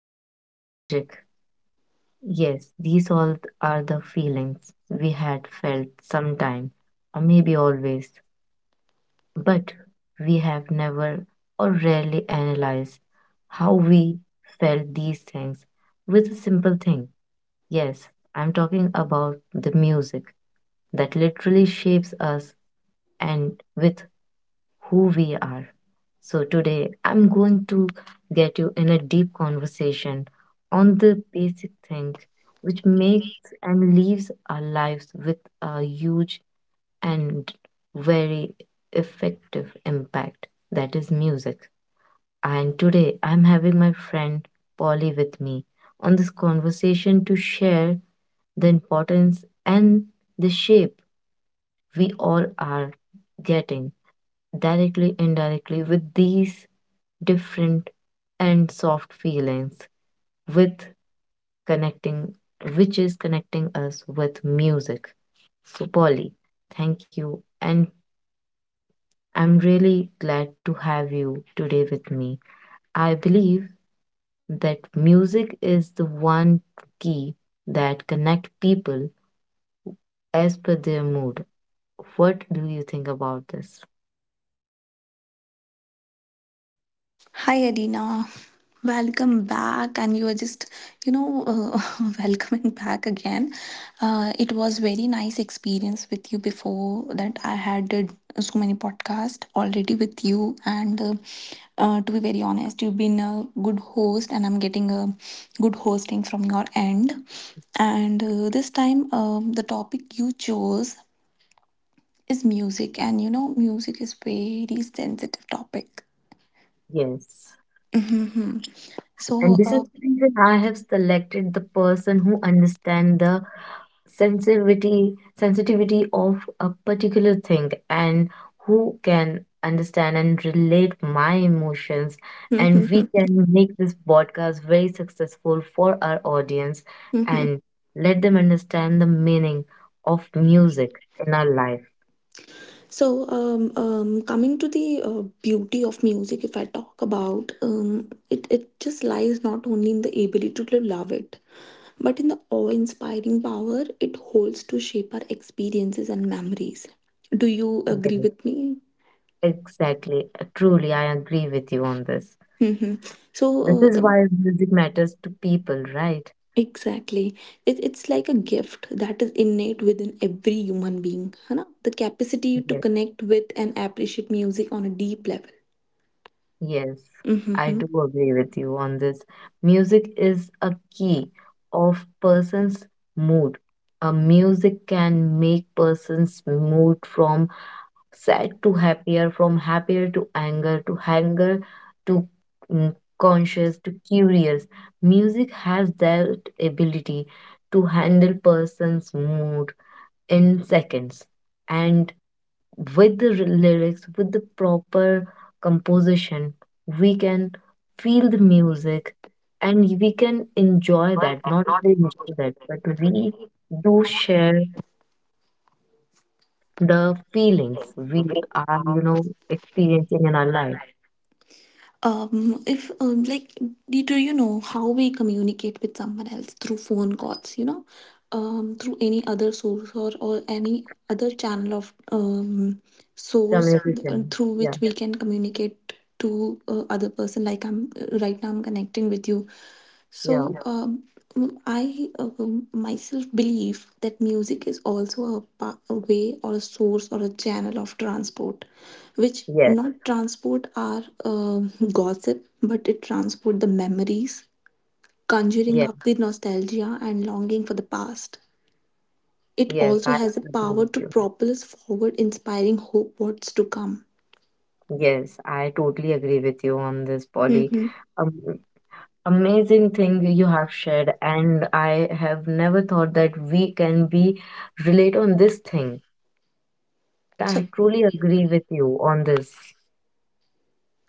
with a nostalgic. Yes, these all are the feelings we had felt sometime, or maybe always, but we have never or rarely analyzed how we felt these things with a simple thing. Yes, I'm talking about the music that literally shapes us and with who we are. So, today I'm going to get you in a deep conversation on the basic thing which makes and leaves our lives with a huge and very effective impact, that is music. And today I'm having my friend Polly with me on this conversation to share the importance and the shape we all are getting directly indirectly with these different and soft feelings with connecting, which is connecting us with music. So Polly, thank you, and I'm really glad to have you today with me. I believe that music is the one key that connect people as per their mood. What do you think about this? Hi Adina, welcome back. And you are just, you know, uh, welcoming back again. It was very nice experience with you before that. I had did so many podcasts already with you, and to be very honest, you've been a good host, and I'm getting a good hosting from your end. And this time, the topic you chose is music, and you know, music is very sensitive topic. Yes. Hmm. And So, this is uh, the reason I have selected the person who understands the sensitivity of a particular thing and who can understand and relate my emotions, and we Mhm, can make this podcast very successful for our audience mhm. and let them understand the meaning of music in our life. So coming to the beauty of music. If I talk about it, just lies not only in the ability to love it, but in the awe-inspiring power it holds to shape our experiences and memories. Do you agree Yes, with me? exactly. Truly, I agree with you on this. Hmm. This So, is uh, why music matters to people, right? exactly. It's like a gift that is innate within every human being. है ना? The capacity to Yes. connect with and appreciate music on a deep level. Yes, I Mm-hmm. do agree with you on this. Music is a key of person's mood. A music can make person's mood from sad to happier, from happier to anger, to anger to mm, conscious, to curious. Music has that ability to handle person's mood in seconds. And with the lyrics, with the proper composition, we can feel the music and we can enjoy that. Not only enjoy that, but we do share the feelings we are, you know, experiencing in our life. If like, do do you know how we communicate with someone else through phone calls? You know, through any other source or any other channel of um, Communication. through Yeah, which we can communicate to other person. Like I'm right now, I'm connecting with you. so yeah, um, mm, I um, myself believe that music is also a, a way or a source or a channel of transport, which yes, not transport our gossip, but it transport the memories, conjuring yes, up the nostalgia and longing for the past. It yes, also I has the totally agree power with to you. propel us forward, inspiring hope what's to come. Yes, I totally agree with you on this, Polly. Mhm. Um, Amazing thing you have shared, and I have never thought that we can be relate on this thing, but So I truly agree with you on this.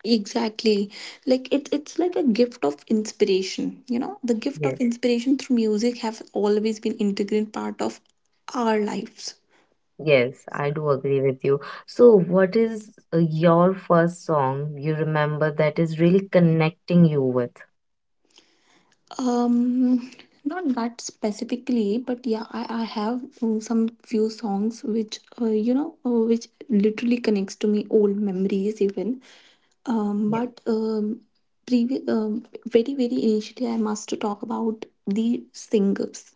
exactly. Like it's like a gift of inspiration. You know, the gift of Yes, inspiration through music have always been integral part of our lives. yes, I do agree with you. So what is your first song you remember that is really connecting you with. Um, Not that specifically, but yeah, I have some few songs which, you know, which literally connects to me old memories even. Um, but um, Very, very initially, I must talk about the singers,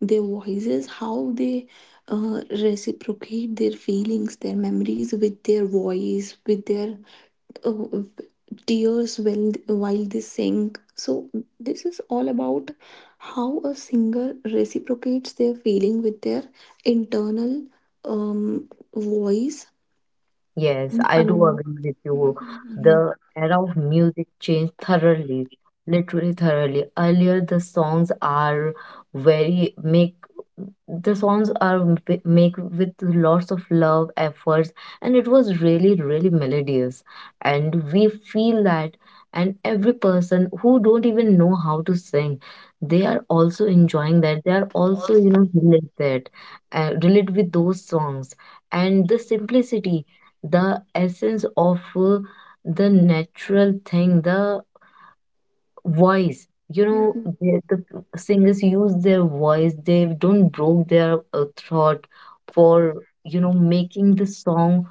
their voices, how they reciprocate their feelings, their memories with their voice, with their uh, tears while they sing. So, this is all about how a singer reciprocates their feeling with their internal um, voice. Yes, I do Um, agree with you. Mhm. The era of music changed thoroughly, literally thoroughly. Earlier, the songs are very make, the songs are make with lots of love, efforts, and it was really, really melodious. And we feel that, and every person who don't even know how to sing, they are also enjoying that. They are also, you know, relate that, relate with those songs and the simplicity, the essence of the natural thing, the voice. You Mhm. know, the singers use their voice, they don't broke their throat for, you know, making the song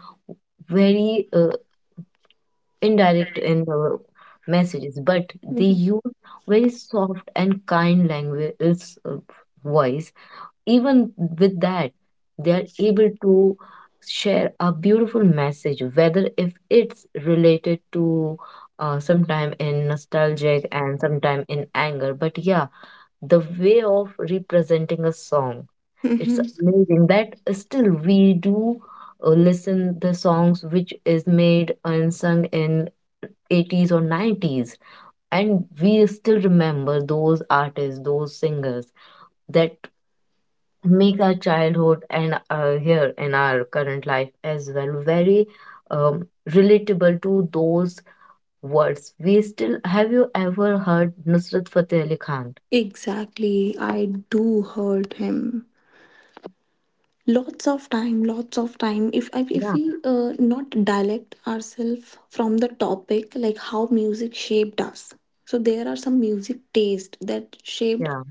very indirect in messages, but they Mhm. use very soft and kind language, voice. Even with that, they are able to share a beautiful message, whether if it's related to sometime in nostalgic and sometime in anger. But yeah, the way of representing a song, it's Mhm. amazing that still we do listen the songs which is made and sung in 80s or 90s, and we still remember those artists, those singers that make our childhood and here in our current life as well very relatable to those words. We still have, you ever heard Nusrat Fateh Ali Khan? Exactly, I do heard him. Lots of time, lots of time. If Yeah, we not dialect ourselves from the topic, like how music shaped us, so there are some music taste that shaped yeah,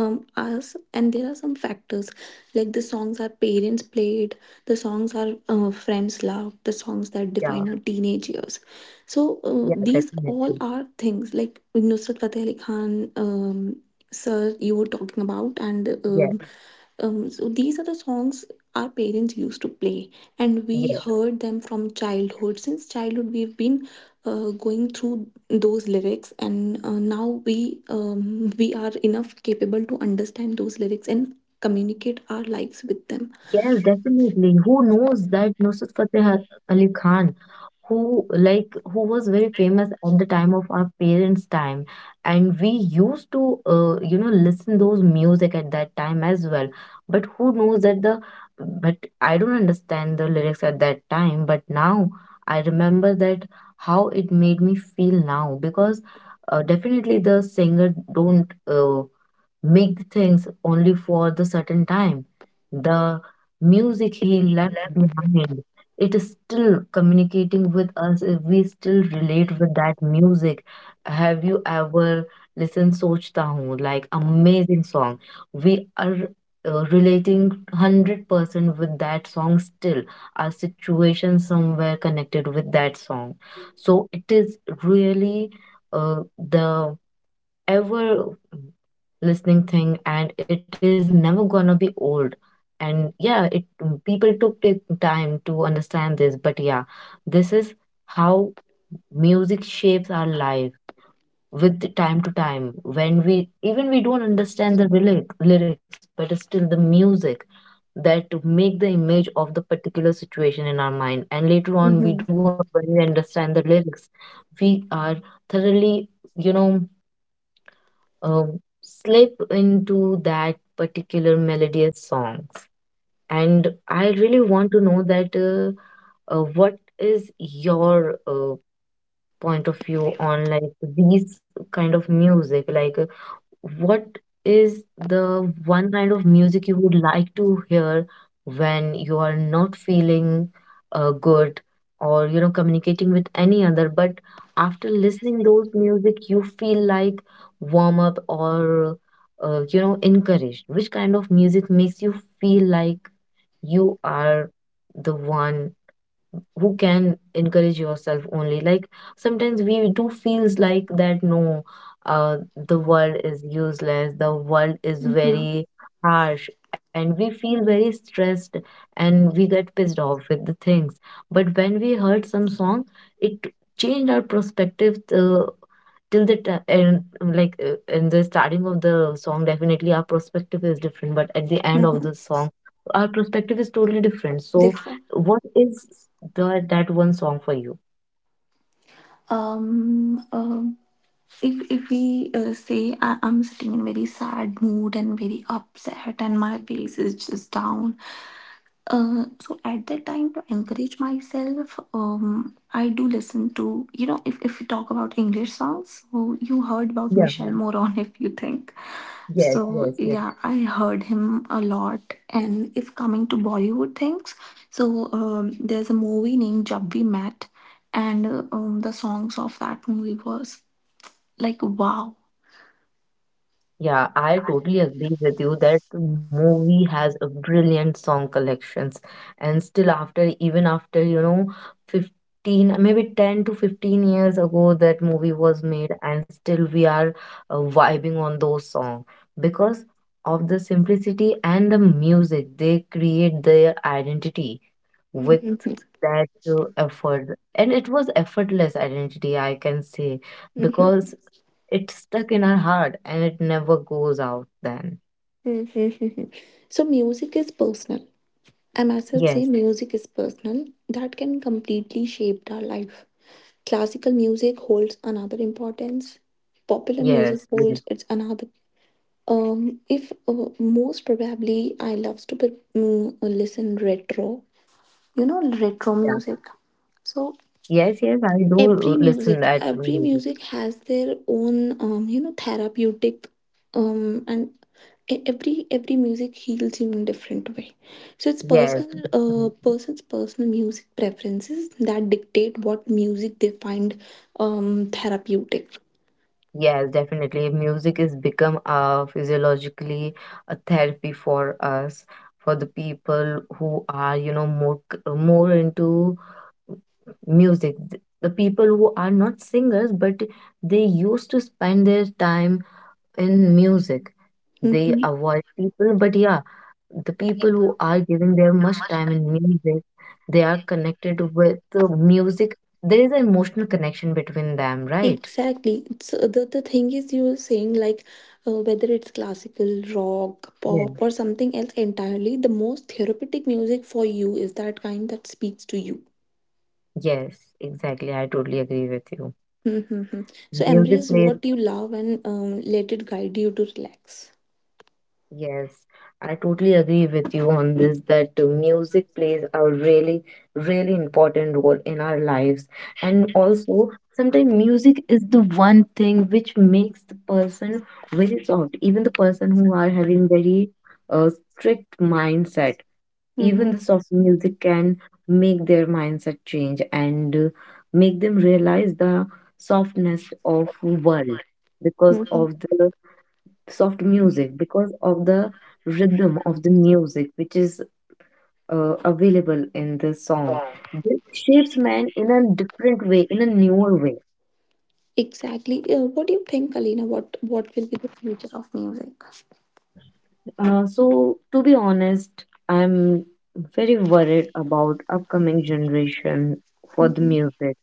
us, and there are some factors like the songs our parents played, the songs our friends loved, the songs that yeah, define our teenage years. So yeah, these definitely. all are things like Nusrat Fateh Ali Khan, um, sir, you were talking about. And Yeah, so these are the songs our parents used to play, and we yeah, heard them from childhood. Since childhood we've been going through those lyrics, and now we are enough capable to understand those lyrics and communicate our lives with them. yes, definitely. Who knows that Nusrat Fateh Ali Khan? Who like, who was very famous at the time of our parents time, and we used to you know, listen those music at that time as well. But who knows that the, but I don't understand the lyrics at that time, but now I remember that how it made me feel now. Because definitely the singer don't make the things only for the certain time. The music he left behind, it is still communicating with us. If we still relate with that music, have you ever listened Sochta Hoon? Like amazing song. We are relating 100% with that song still. Our situation somewhere connected with that song. So it is really the ever listening thing and it is never gonna be old. And yeah, it, people took the time to understand this. But yeah, this is how music shapes our life, with the time to time when we even we don't understand the lyrics, but it's still the music that to make the image of the particular situation in our mind. And later on, Mhm. we do, when we understand the lyrics, we are thoroughly, you know, slip into that particular melodious songs. And I really want to know that what is your point of view on, like, these kind of music. Like what is the one kind of music you would like to hear when you are not feeling good or, you know, communicating with any other, but after listening those music you feel like warm up or you know, encouraged? Which kind of music makes you feel like you are the one who can encourage yourself only? Like sometimes we do feels like that, no, uh the world is useless, the world is Mhm. very harsh, and we feel very stressed, and we get pissed off with the things. But when we heard some song, it changed our perspective. Till the and like in the starting of the song definitely our perspective is different, but at the end of Mhm. the song our perspective is totally different. So Different. what is the that one song for you? Um, um if if we say I'm sitting in very sad mood and very upset and my face is just down. So at that time to encourage myself, I do listen to, you know, if we talk about English songs, so you heard about Yeah. Michelle Moron if you think. Yes, So yes, yes. yeah, I heard him a lot. And if coming to Bollywood things, so there's a movie named Jab We Met, and the songs of that movie was like wow. Yeah, I totally agree with you, that movie has a brilliant song collections. And still after, even after you know, 15, maybe 10 to 15 years ago that movie was made, and still we are vibing on those songs because of the simplicity and the music. They create their identity with Mhm, that effort, and it was effortless identity, I can say, mhm, because it's stuck in our heart and it never goes out then. mhm, mhm, mhm. So music is personal. I myself say Yes, music is personal, that can completely shape our life. Classical music holds another importance. Popular music yes, yes. holds its another. If Most probably, I loves to be, mm, listen retro. You know retro Yeah, music. So yes, yes, I do every listen that music, music. every music has their own you know therapeutic um and every music heals you in a different way. So it's Yes, personal, yes. Person's personal music preferences that dictate what music they find therapeutic. Yes, definitely. Music has become a physiologically a therapy for us, for the people who are, you know, more more into music. The people who are not singers, but they used to spend their time in music. They Hmm. avoid people, but yeah, the people who are giving their much time in music, they are connected with the music. There is an emotional connection between them, right? Exactly. So the thing is you were saying, like, whether it's classical, rock, Yes. pop, or something else entirely, the most therapeutic music for you is that kind that speaks to you. Yes, exactly. I totally agree with you. Mm-hmm. So Music embrace plays, what you love and let it guide you to relax. yes, I totally agree with you on this that music plays a really, really important role in our lives. And also, sometimes music is the one thing which makes the person very soft, even the person who are having very uh, strict mindset. Mm-hmm. Even the soft music can make their mindset change, and make them realize the softness of world because Mm-hmm. of the soft music, because of the rhythm of the music which is available in the song. This shapes man in a different way, in a newer way. Exactly. What do you think, Alina? What will be the future of music? So to be honest, I'm very worried about upcoming generation for the Mm-hmm. music.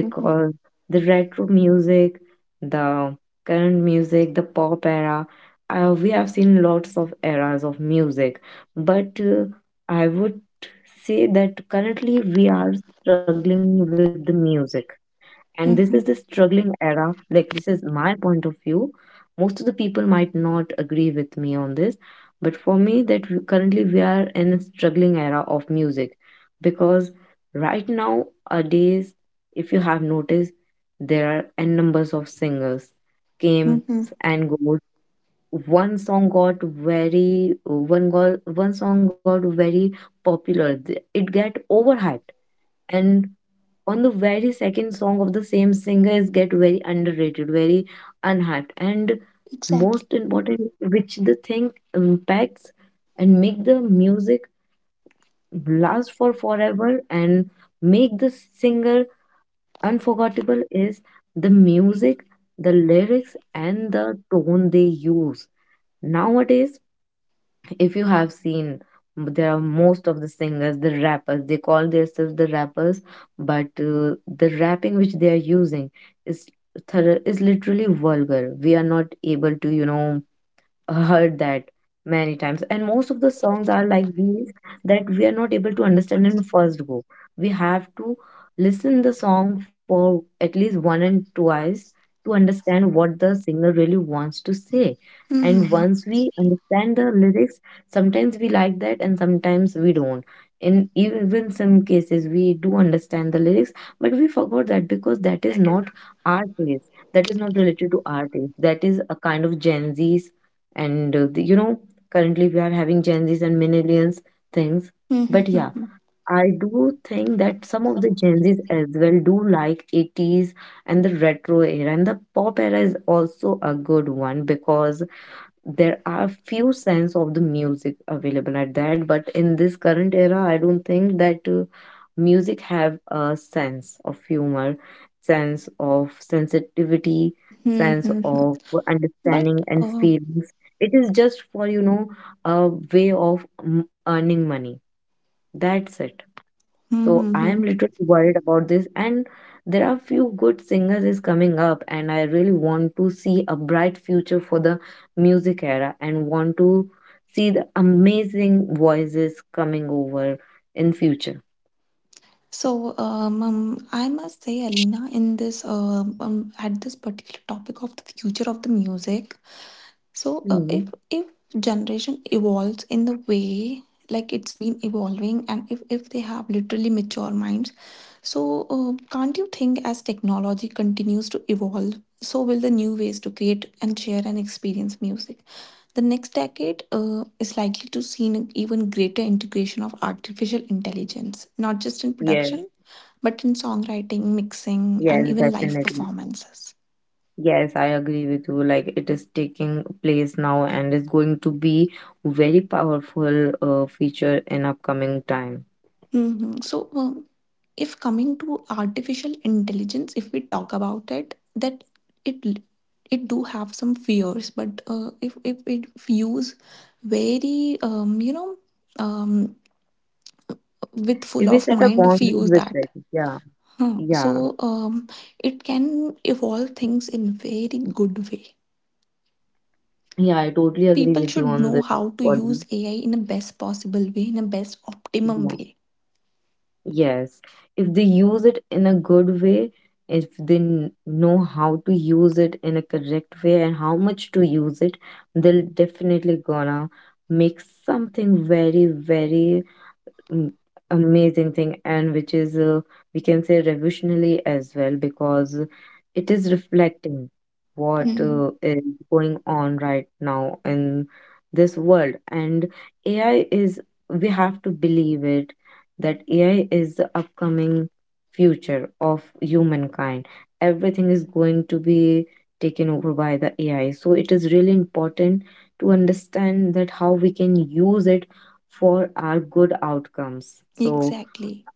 Mm-hmm. the retro music, the current music, the pop era, we have seen lots of eras of music. But I would say that currently we are struggling with the music, and this is the Mm-hmm. struggling era. Like this is my point of view, most of the people might not agree with me on this, but for me that currently we are in a struggling era of music. Because right now, nowadays, if you have noticed, there are n numbers of singers came Mm-hmm. and goes. One song got very popular. It get overhyped, and on the very second song of the same singer is get very underrated, very unhyped. And Exactly. most important, which the thing impacts and make the music last for forever and make the singer unforgettable is the music, the lyrics, and the tone they use. Nowadays, if you have seen there are most of the singers the rappers they call themselves the rappers but the rapping which they are using is thorough, is literally vulgar we are not able to you know Heard that many times and most of the songs are like these that we are not able to understand in first go, we have to listen the song for at least one and twice to understand what the singer really wants to say. And Mm-hmm. once we understand the lyrics, sometimes we like that and sometimes we don't. In even some cases we do understand the lyrics, but we forgot that because that is not our taste, that is not related to our taste, that is a kind of gen z. And currently we are having gen z's and millennials things. But yeah, Mm-hmm. I do think that some of the gen z's as well do like 80s and the retro era and the pop era is also a good one because there are few sense of the music available at that, but in this current era I don't think that music have a sense of humor, sense of sensitivity, sense Mm-hmm. of But understanding and uh, feelings. It is just for a way of earning money, that's it. So I mm-hmm. am literally worried about this, and there are few good singers is coming up, and I really want to see a bright future for the music era, and want to see the amazing voices coming over in future. So, I must say, Alina, in this at this particular topic of the future of the music. So, Mhm. If generation evolves in the way like it's been evolving, and if they have literally mature minds, so can't you think, as technology continues to evolve, so will the new ways to create and share and experience music? The next decade is likely to see an even greater integration of artificial intelligence, not just in Yes, production, but in songwriting, mixing, yes, and even live definitely. performances. Yes, I agree with you. Like it is taking place now, and is going to be very powerful feature in upcoming time. Mhm. So, if coming to artificial intelligence, if we talk about it, that it it do have some fears, but if it use very um, with full If we of set a mind, if we boundaries use with it, that. yeah, Huh. yeah. It can evolve things in very good way. Yeah, I totally agree People with you should on know this how to use body. AI in a best possible way, in a best optimum Yeah. way. Yes. If they use it in a good way, if they know how to use it in a correct way and how much to use it, they'll definitely gonna make something very, very mm, amazing thing and which is we can say revolutionary as well because it is reflecting what Mm, is going on right now in this world. And ai is, we have to believe it that ai is the upcoming future of humankind. Everything is going to be taken over by the ai, so it is really important to understand that how we can use it for our good outcomes. So, exactly.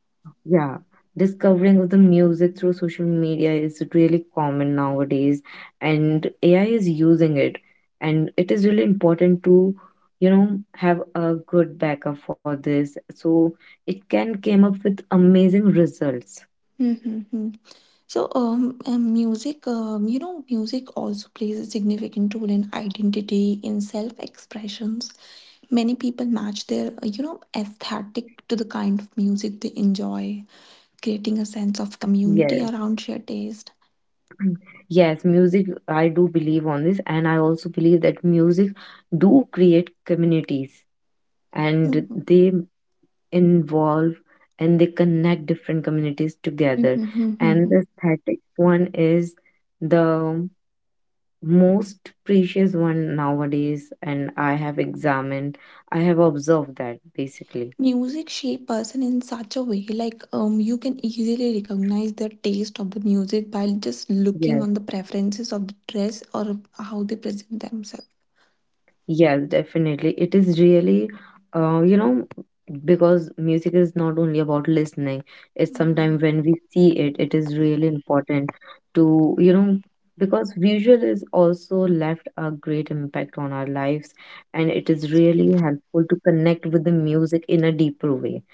yeah, discovering of the music through social media is really common nowadays, and AI is using it, and it is really important to have a good backup for this so it can came up with amazing results. Mm-hmm. Music, you know, music also plays a significant role in identity, in self-expressions. Many people match their, you know, aesthetic to the kind of music they enjoy, creating a sense of Yes. community around shared taste. Mm. Yes, music I do believe on this, and I also believe that music do create communities and Hmm. they involve and they connect different communities together. Mhm, mhm, And the mhm. aesthetic one is the most precious one nowadays, and I have examined, I have observed that basically. Music shape person in such a way, like, you can easily recognize the taste of the music by just Yes. looking on the preferences of the dress or how they present themselves. Yes, definitely. It is really, you know, because music is not only about listening, it's Hmm. sometimes when we see it, it is really important to, you know, because visual is also left a great impact on our lives and it is really helpful to connect with the music in a deeper way.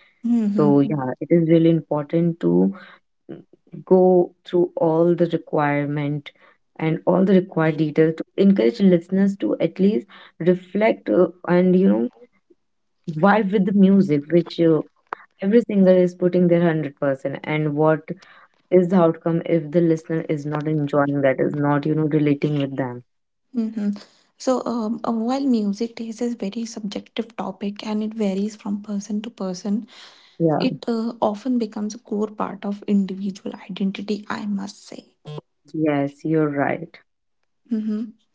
So, Mm-hmm. yeah, it is really important to go through all the requirement and all the required details to encourage listeners to at least reflect and vibe with the music which every singer is putting their 100%. And what is the outcome if the listener is not enjoying, that is not relating with them. Mm-hmm. So, while music taste is very subjective topic and it varies from person to person, Yeah. it often becomes a core part of individual identity, I must say. Yes, you're right. Mm-hmm.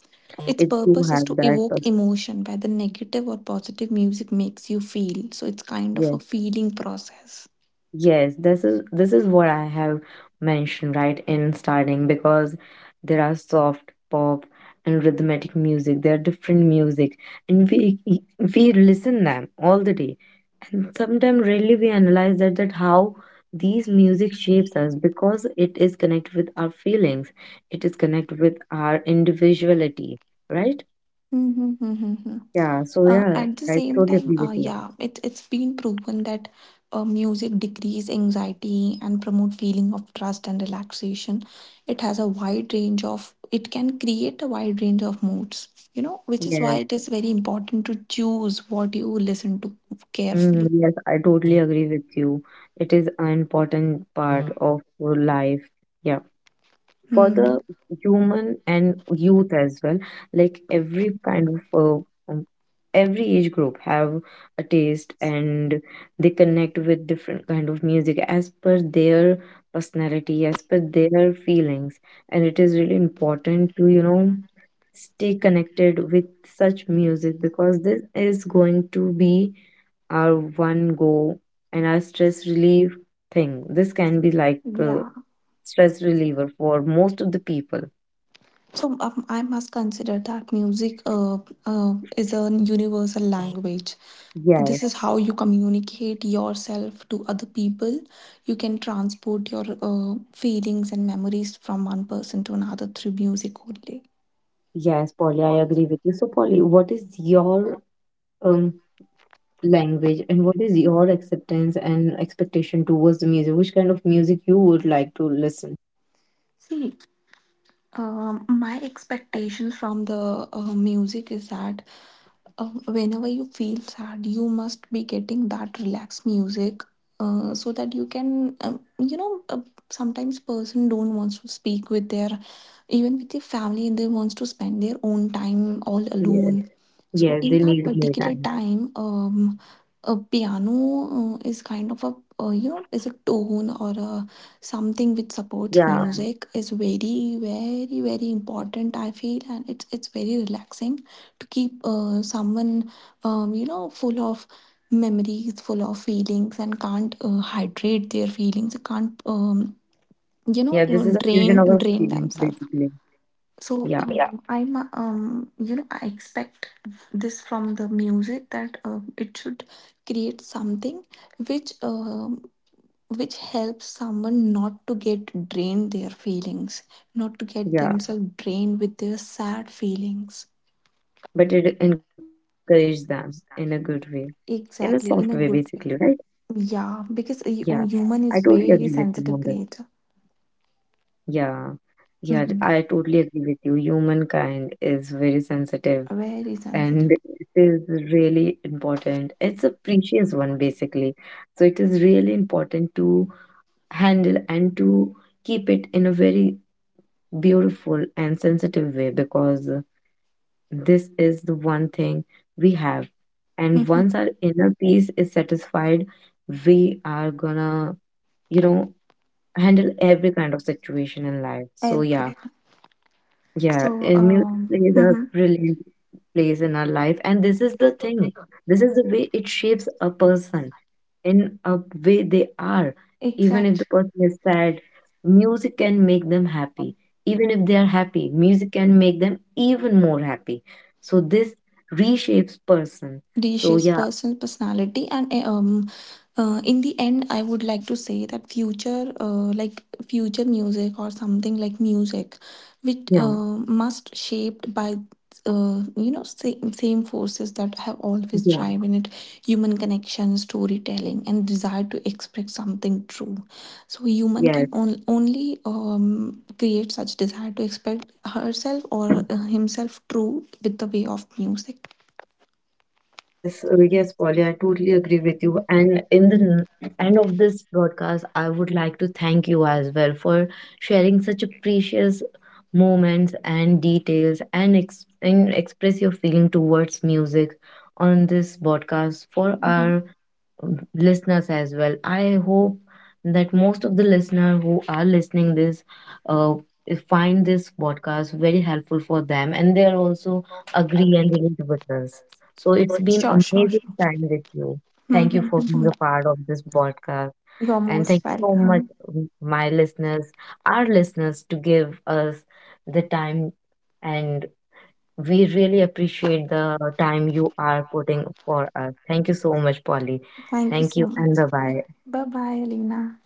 Its It do purpose is have to that evoke emotion, whether negative or positive music makes you feel. So it's kind of a yes. feeling process. Yes, this is what I have mentioned right in starting because there are soft pop and rhythmic music. There are different music, and we listen them all the day. And sometimes really we analyze that that how these music shapes us because it is connected with our feelings. It is connected with our individuality, right? Mhm, mhm, mhm. Yeah. So yeah, At the I same totally agree time, with you. yeah, it's been proven that music decrease anxiety and promote feeling of trust and relaxation. It has a wide range of, it can create a wide range of moods, you know, which is why Yes. it is very important to choose what you listen to Mm, carefully. yes, I totally agree with you. It is an important part of your life. Yeah, for Hmm. the human and youth as well. Like every kind of um, every age group have a taste and they connect with different kind of music as per their personality, as per their feelings, and it is really important to stay connected with such music because this is going to be our one go and our stress relief thing. This can be like Yeah. stress reliever for most of the people. I must consider that music is a universal language. This is Yes, how you communicate yourself to other people. You can transport your feelings and memories from one person to another through music only. yes, Polly, I agree with you. So, Polly, what is your um language and what is your acceptance and expectation towards the music? Which kind of music you would like to listen? See, my expectations from the music is that uh, whenever you feel sad, you must be getting that relaxed music, so that you can sometimes person don't wants to speak with their, even with their family, and they wants to spend their own time all Yeah, alone. So yeah, they in that need more particular time. time, a piano is kind of a you know, is a tone or a something which supports Yeah, music, is very very very important, I feel. And it's very relaxing to keep someone you know, full of memories, full of feelings and can't hydrate their feelings, can't um, yeah, you know this is a uh, fusion of our drain feelings, drain themselves. basically. So Yeah, I'm you know I expect this from the music, that it should create something which um, which helps someone not to get drained their feelings, not to yeah, get themselves drained with their sad feelings. but it encourages them in a good way, in a soft way, basically, Exactly, in a right? good way. Yeah, Yeah, because a I totally human agree is with you very on. sensitive creature. Yeah, yeah, I Mhm. totally agree with you. Humankind is very sensitive, Very and it sensitive. is really important. It's a precious one, basically. So it is really important to handle and to keep it in a very beautiful and sensitive way because this is the one thing we have. And once Mhm. our inner peace is satisfied, we are gonna, you know, handle every kind of situation in life. So, yeah. Everything. Yeah, So, and music plays a mhm. brilliant place in our life, and this is the thing. This is the way it shapes a person in a way they are. Even if the Exactly. person is sad, music can make them happy. Even if they are happy, music can make them even more happy. So this reshapes person. So Reshapes yeah, person's personality. And in the end, I would like to say that future, like future music or something like music which yeah, must shaped by you know, same, same forces that have always yeah, driven it: human connection, storytelling, and desire to express something true. So human yeah. can only create such desire to express herself or himself true with the way of music. Yes, yes, Polly, I totally agree with you. And in the end of this broadcast, I would like to thank you as well for sharing such a precious moments and details, and and express your feeling towards music on this broadcast for Mhm. our listeners as well. I hope that most of the listener who are listening this uh, find this podcast very helpful for them and they are also agree and relate with us. So it's been Sure, sure, amazing sure. time with you. Thank you Mhm, for being mhm. a part of this podcast, You're and thank most you so much, welcome. My listeners, our listeners, to give us the time, and we really appreciate the time you are putting for us. Thank you so much, Polly. Thank you Thank you so much. and bye bye. Bye-bye, Alina.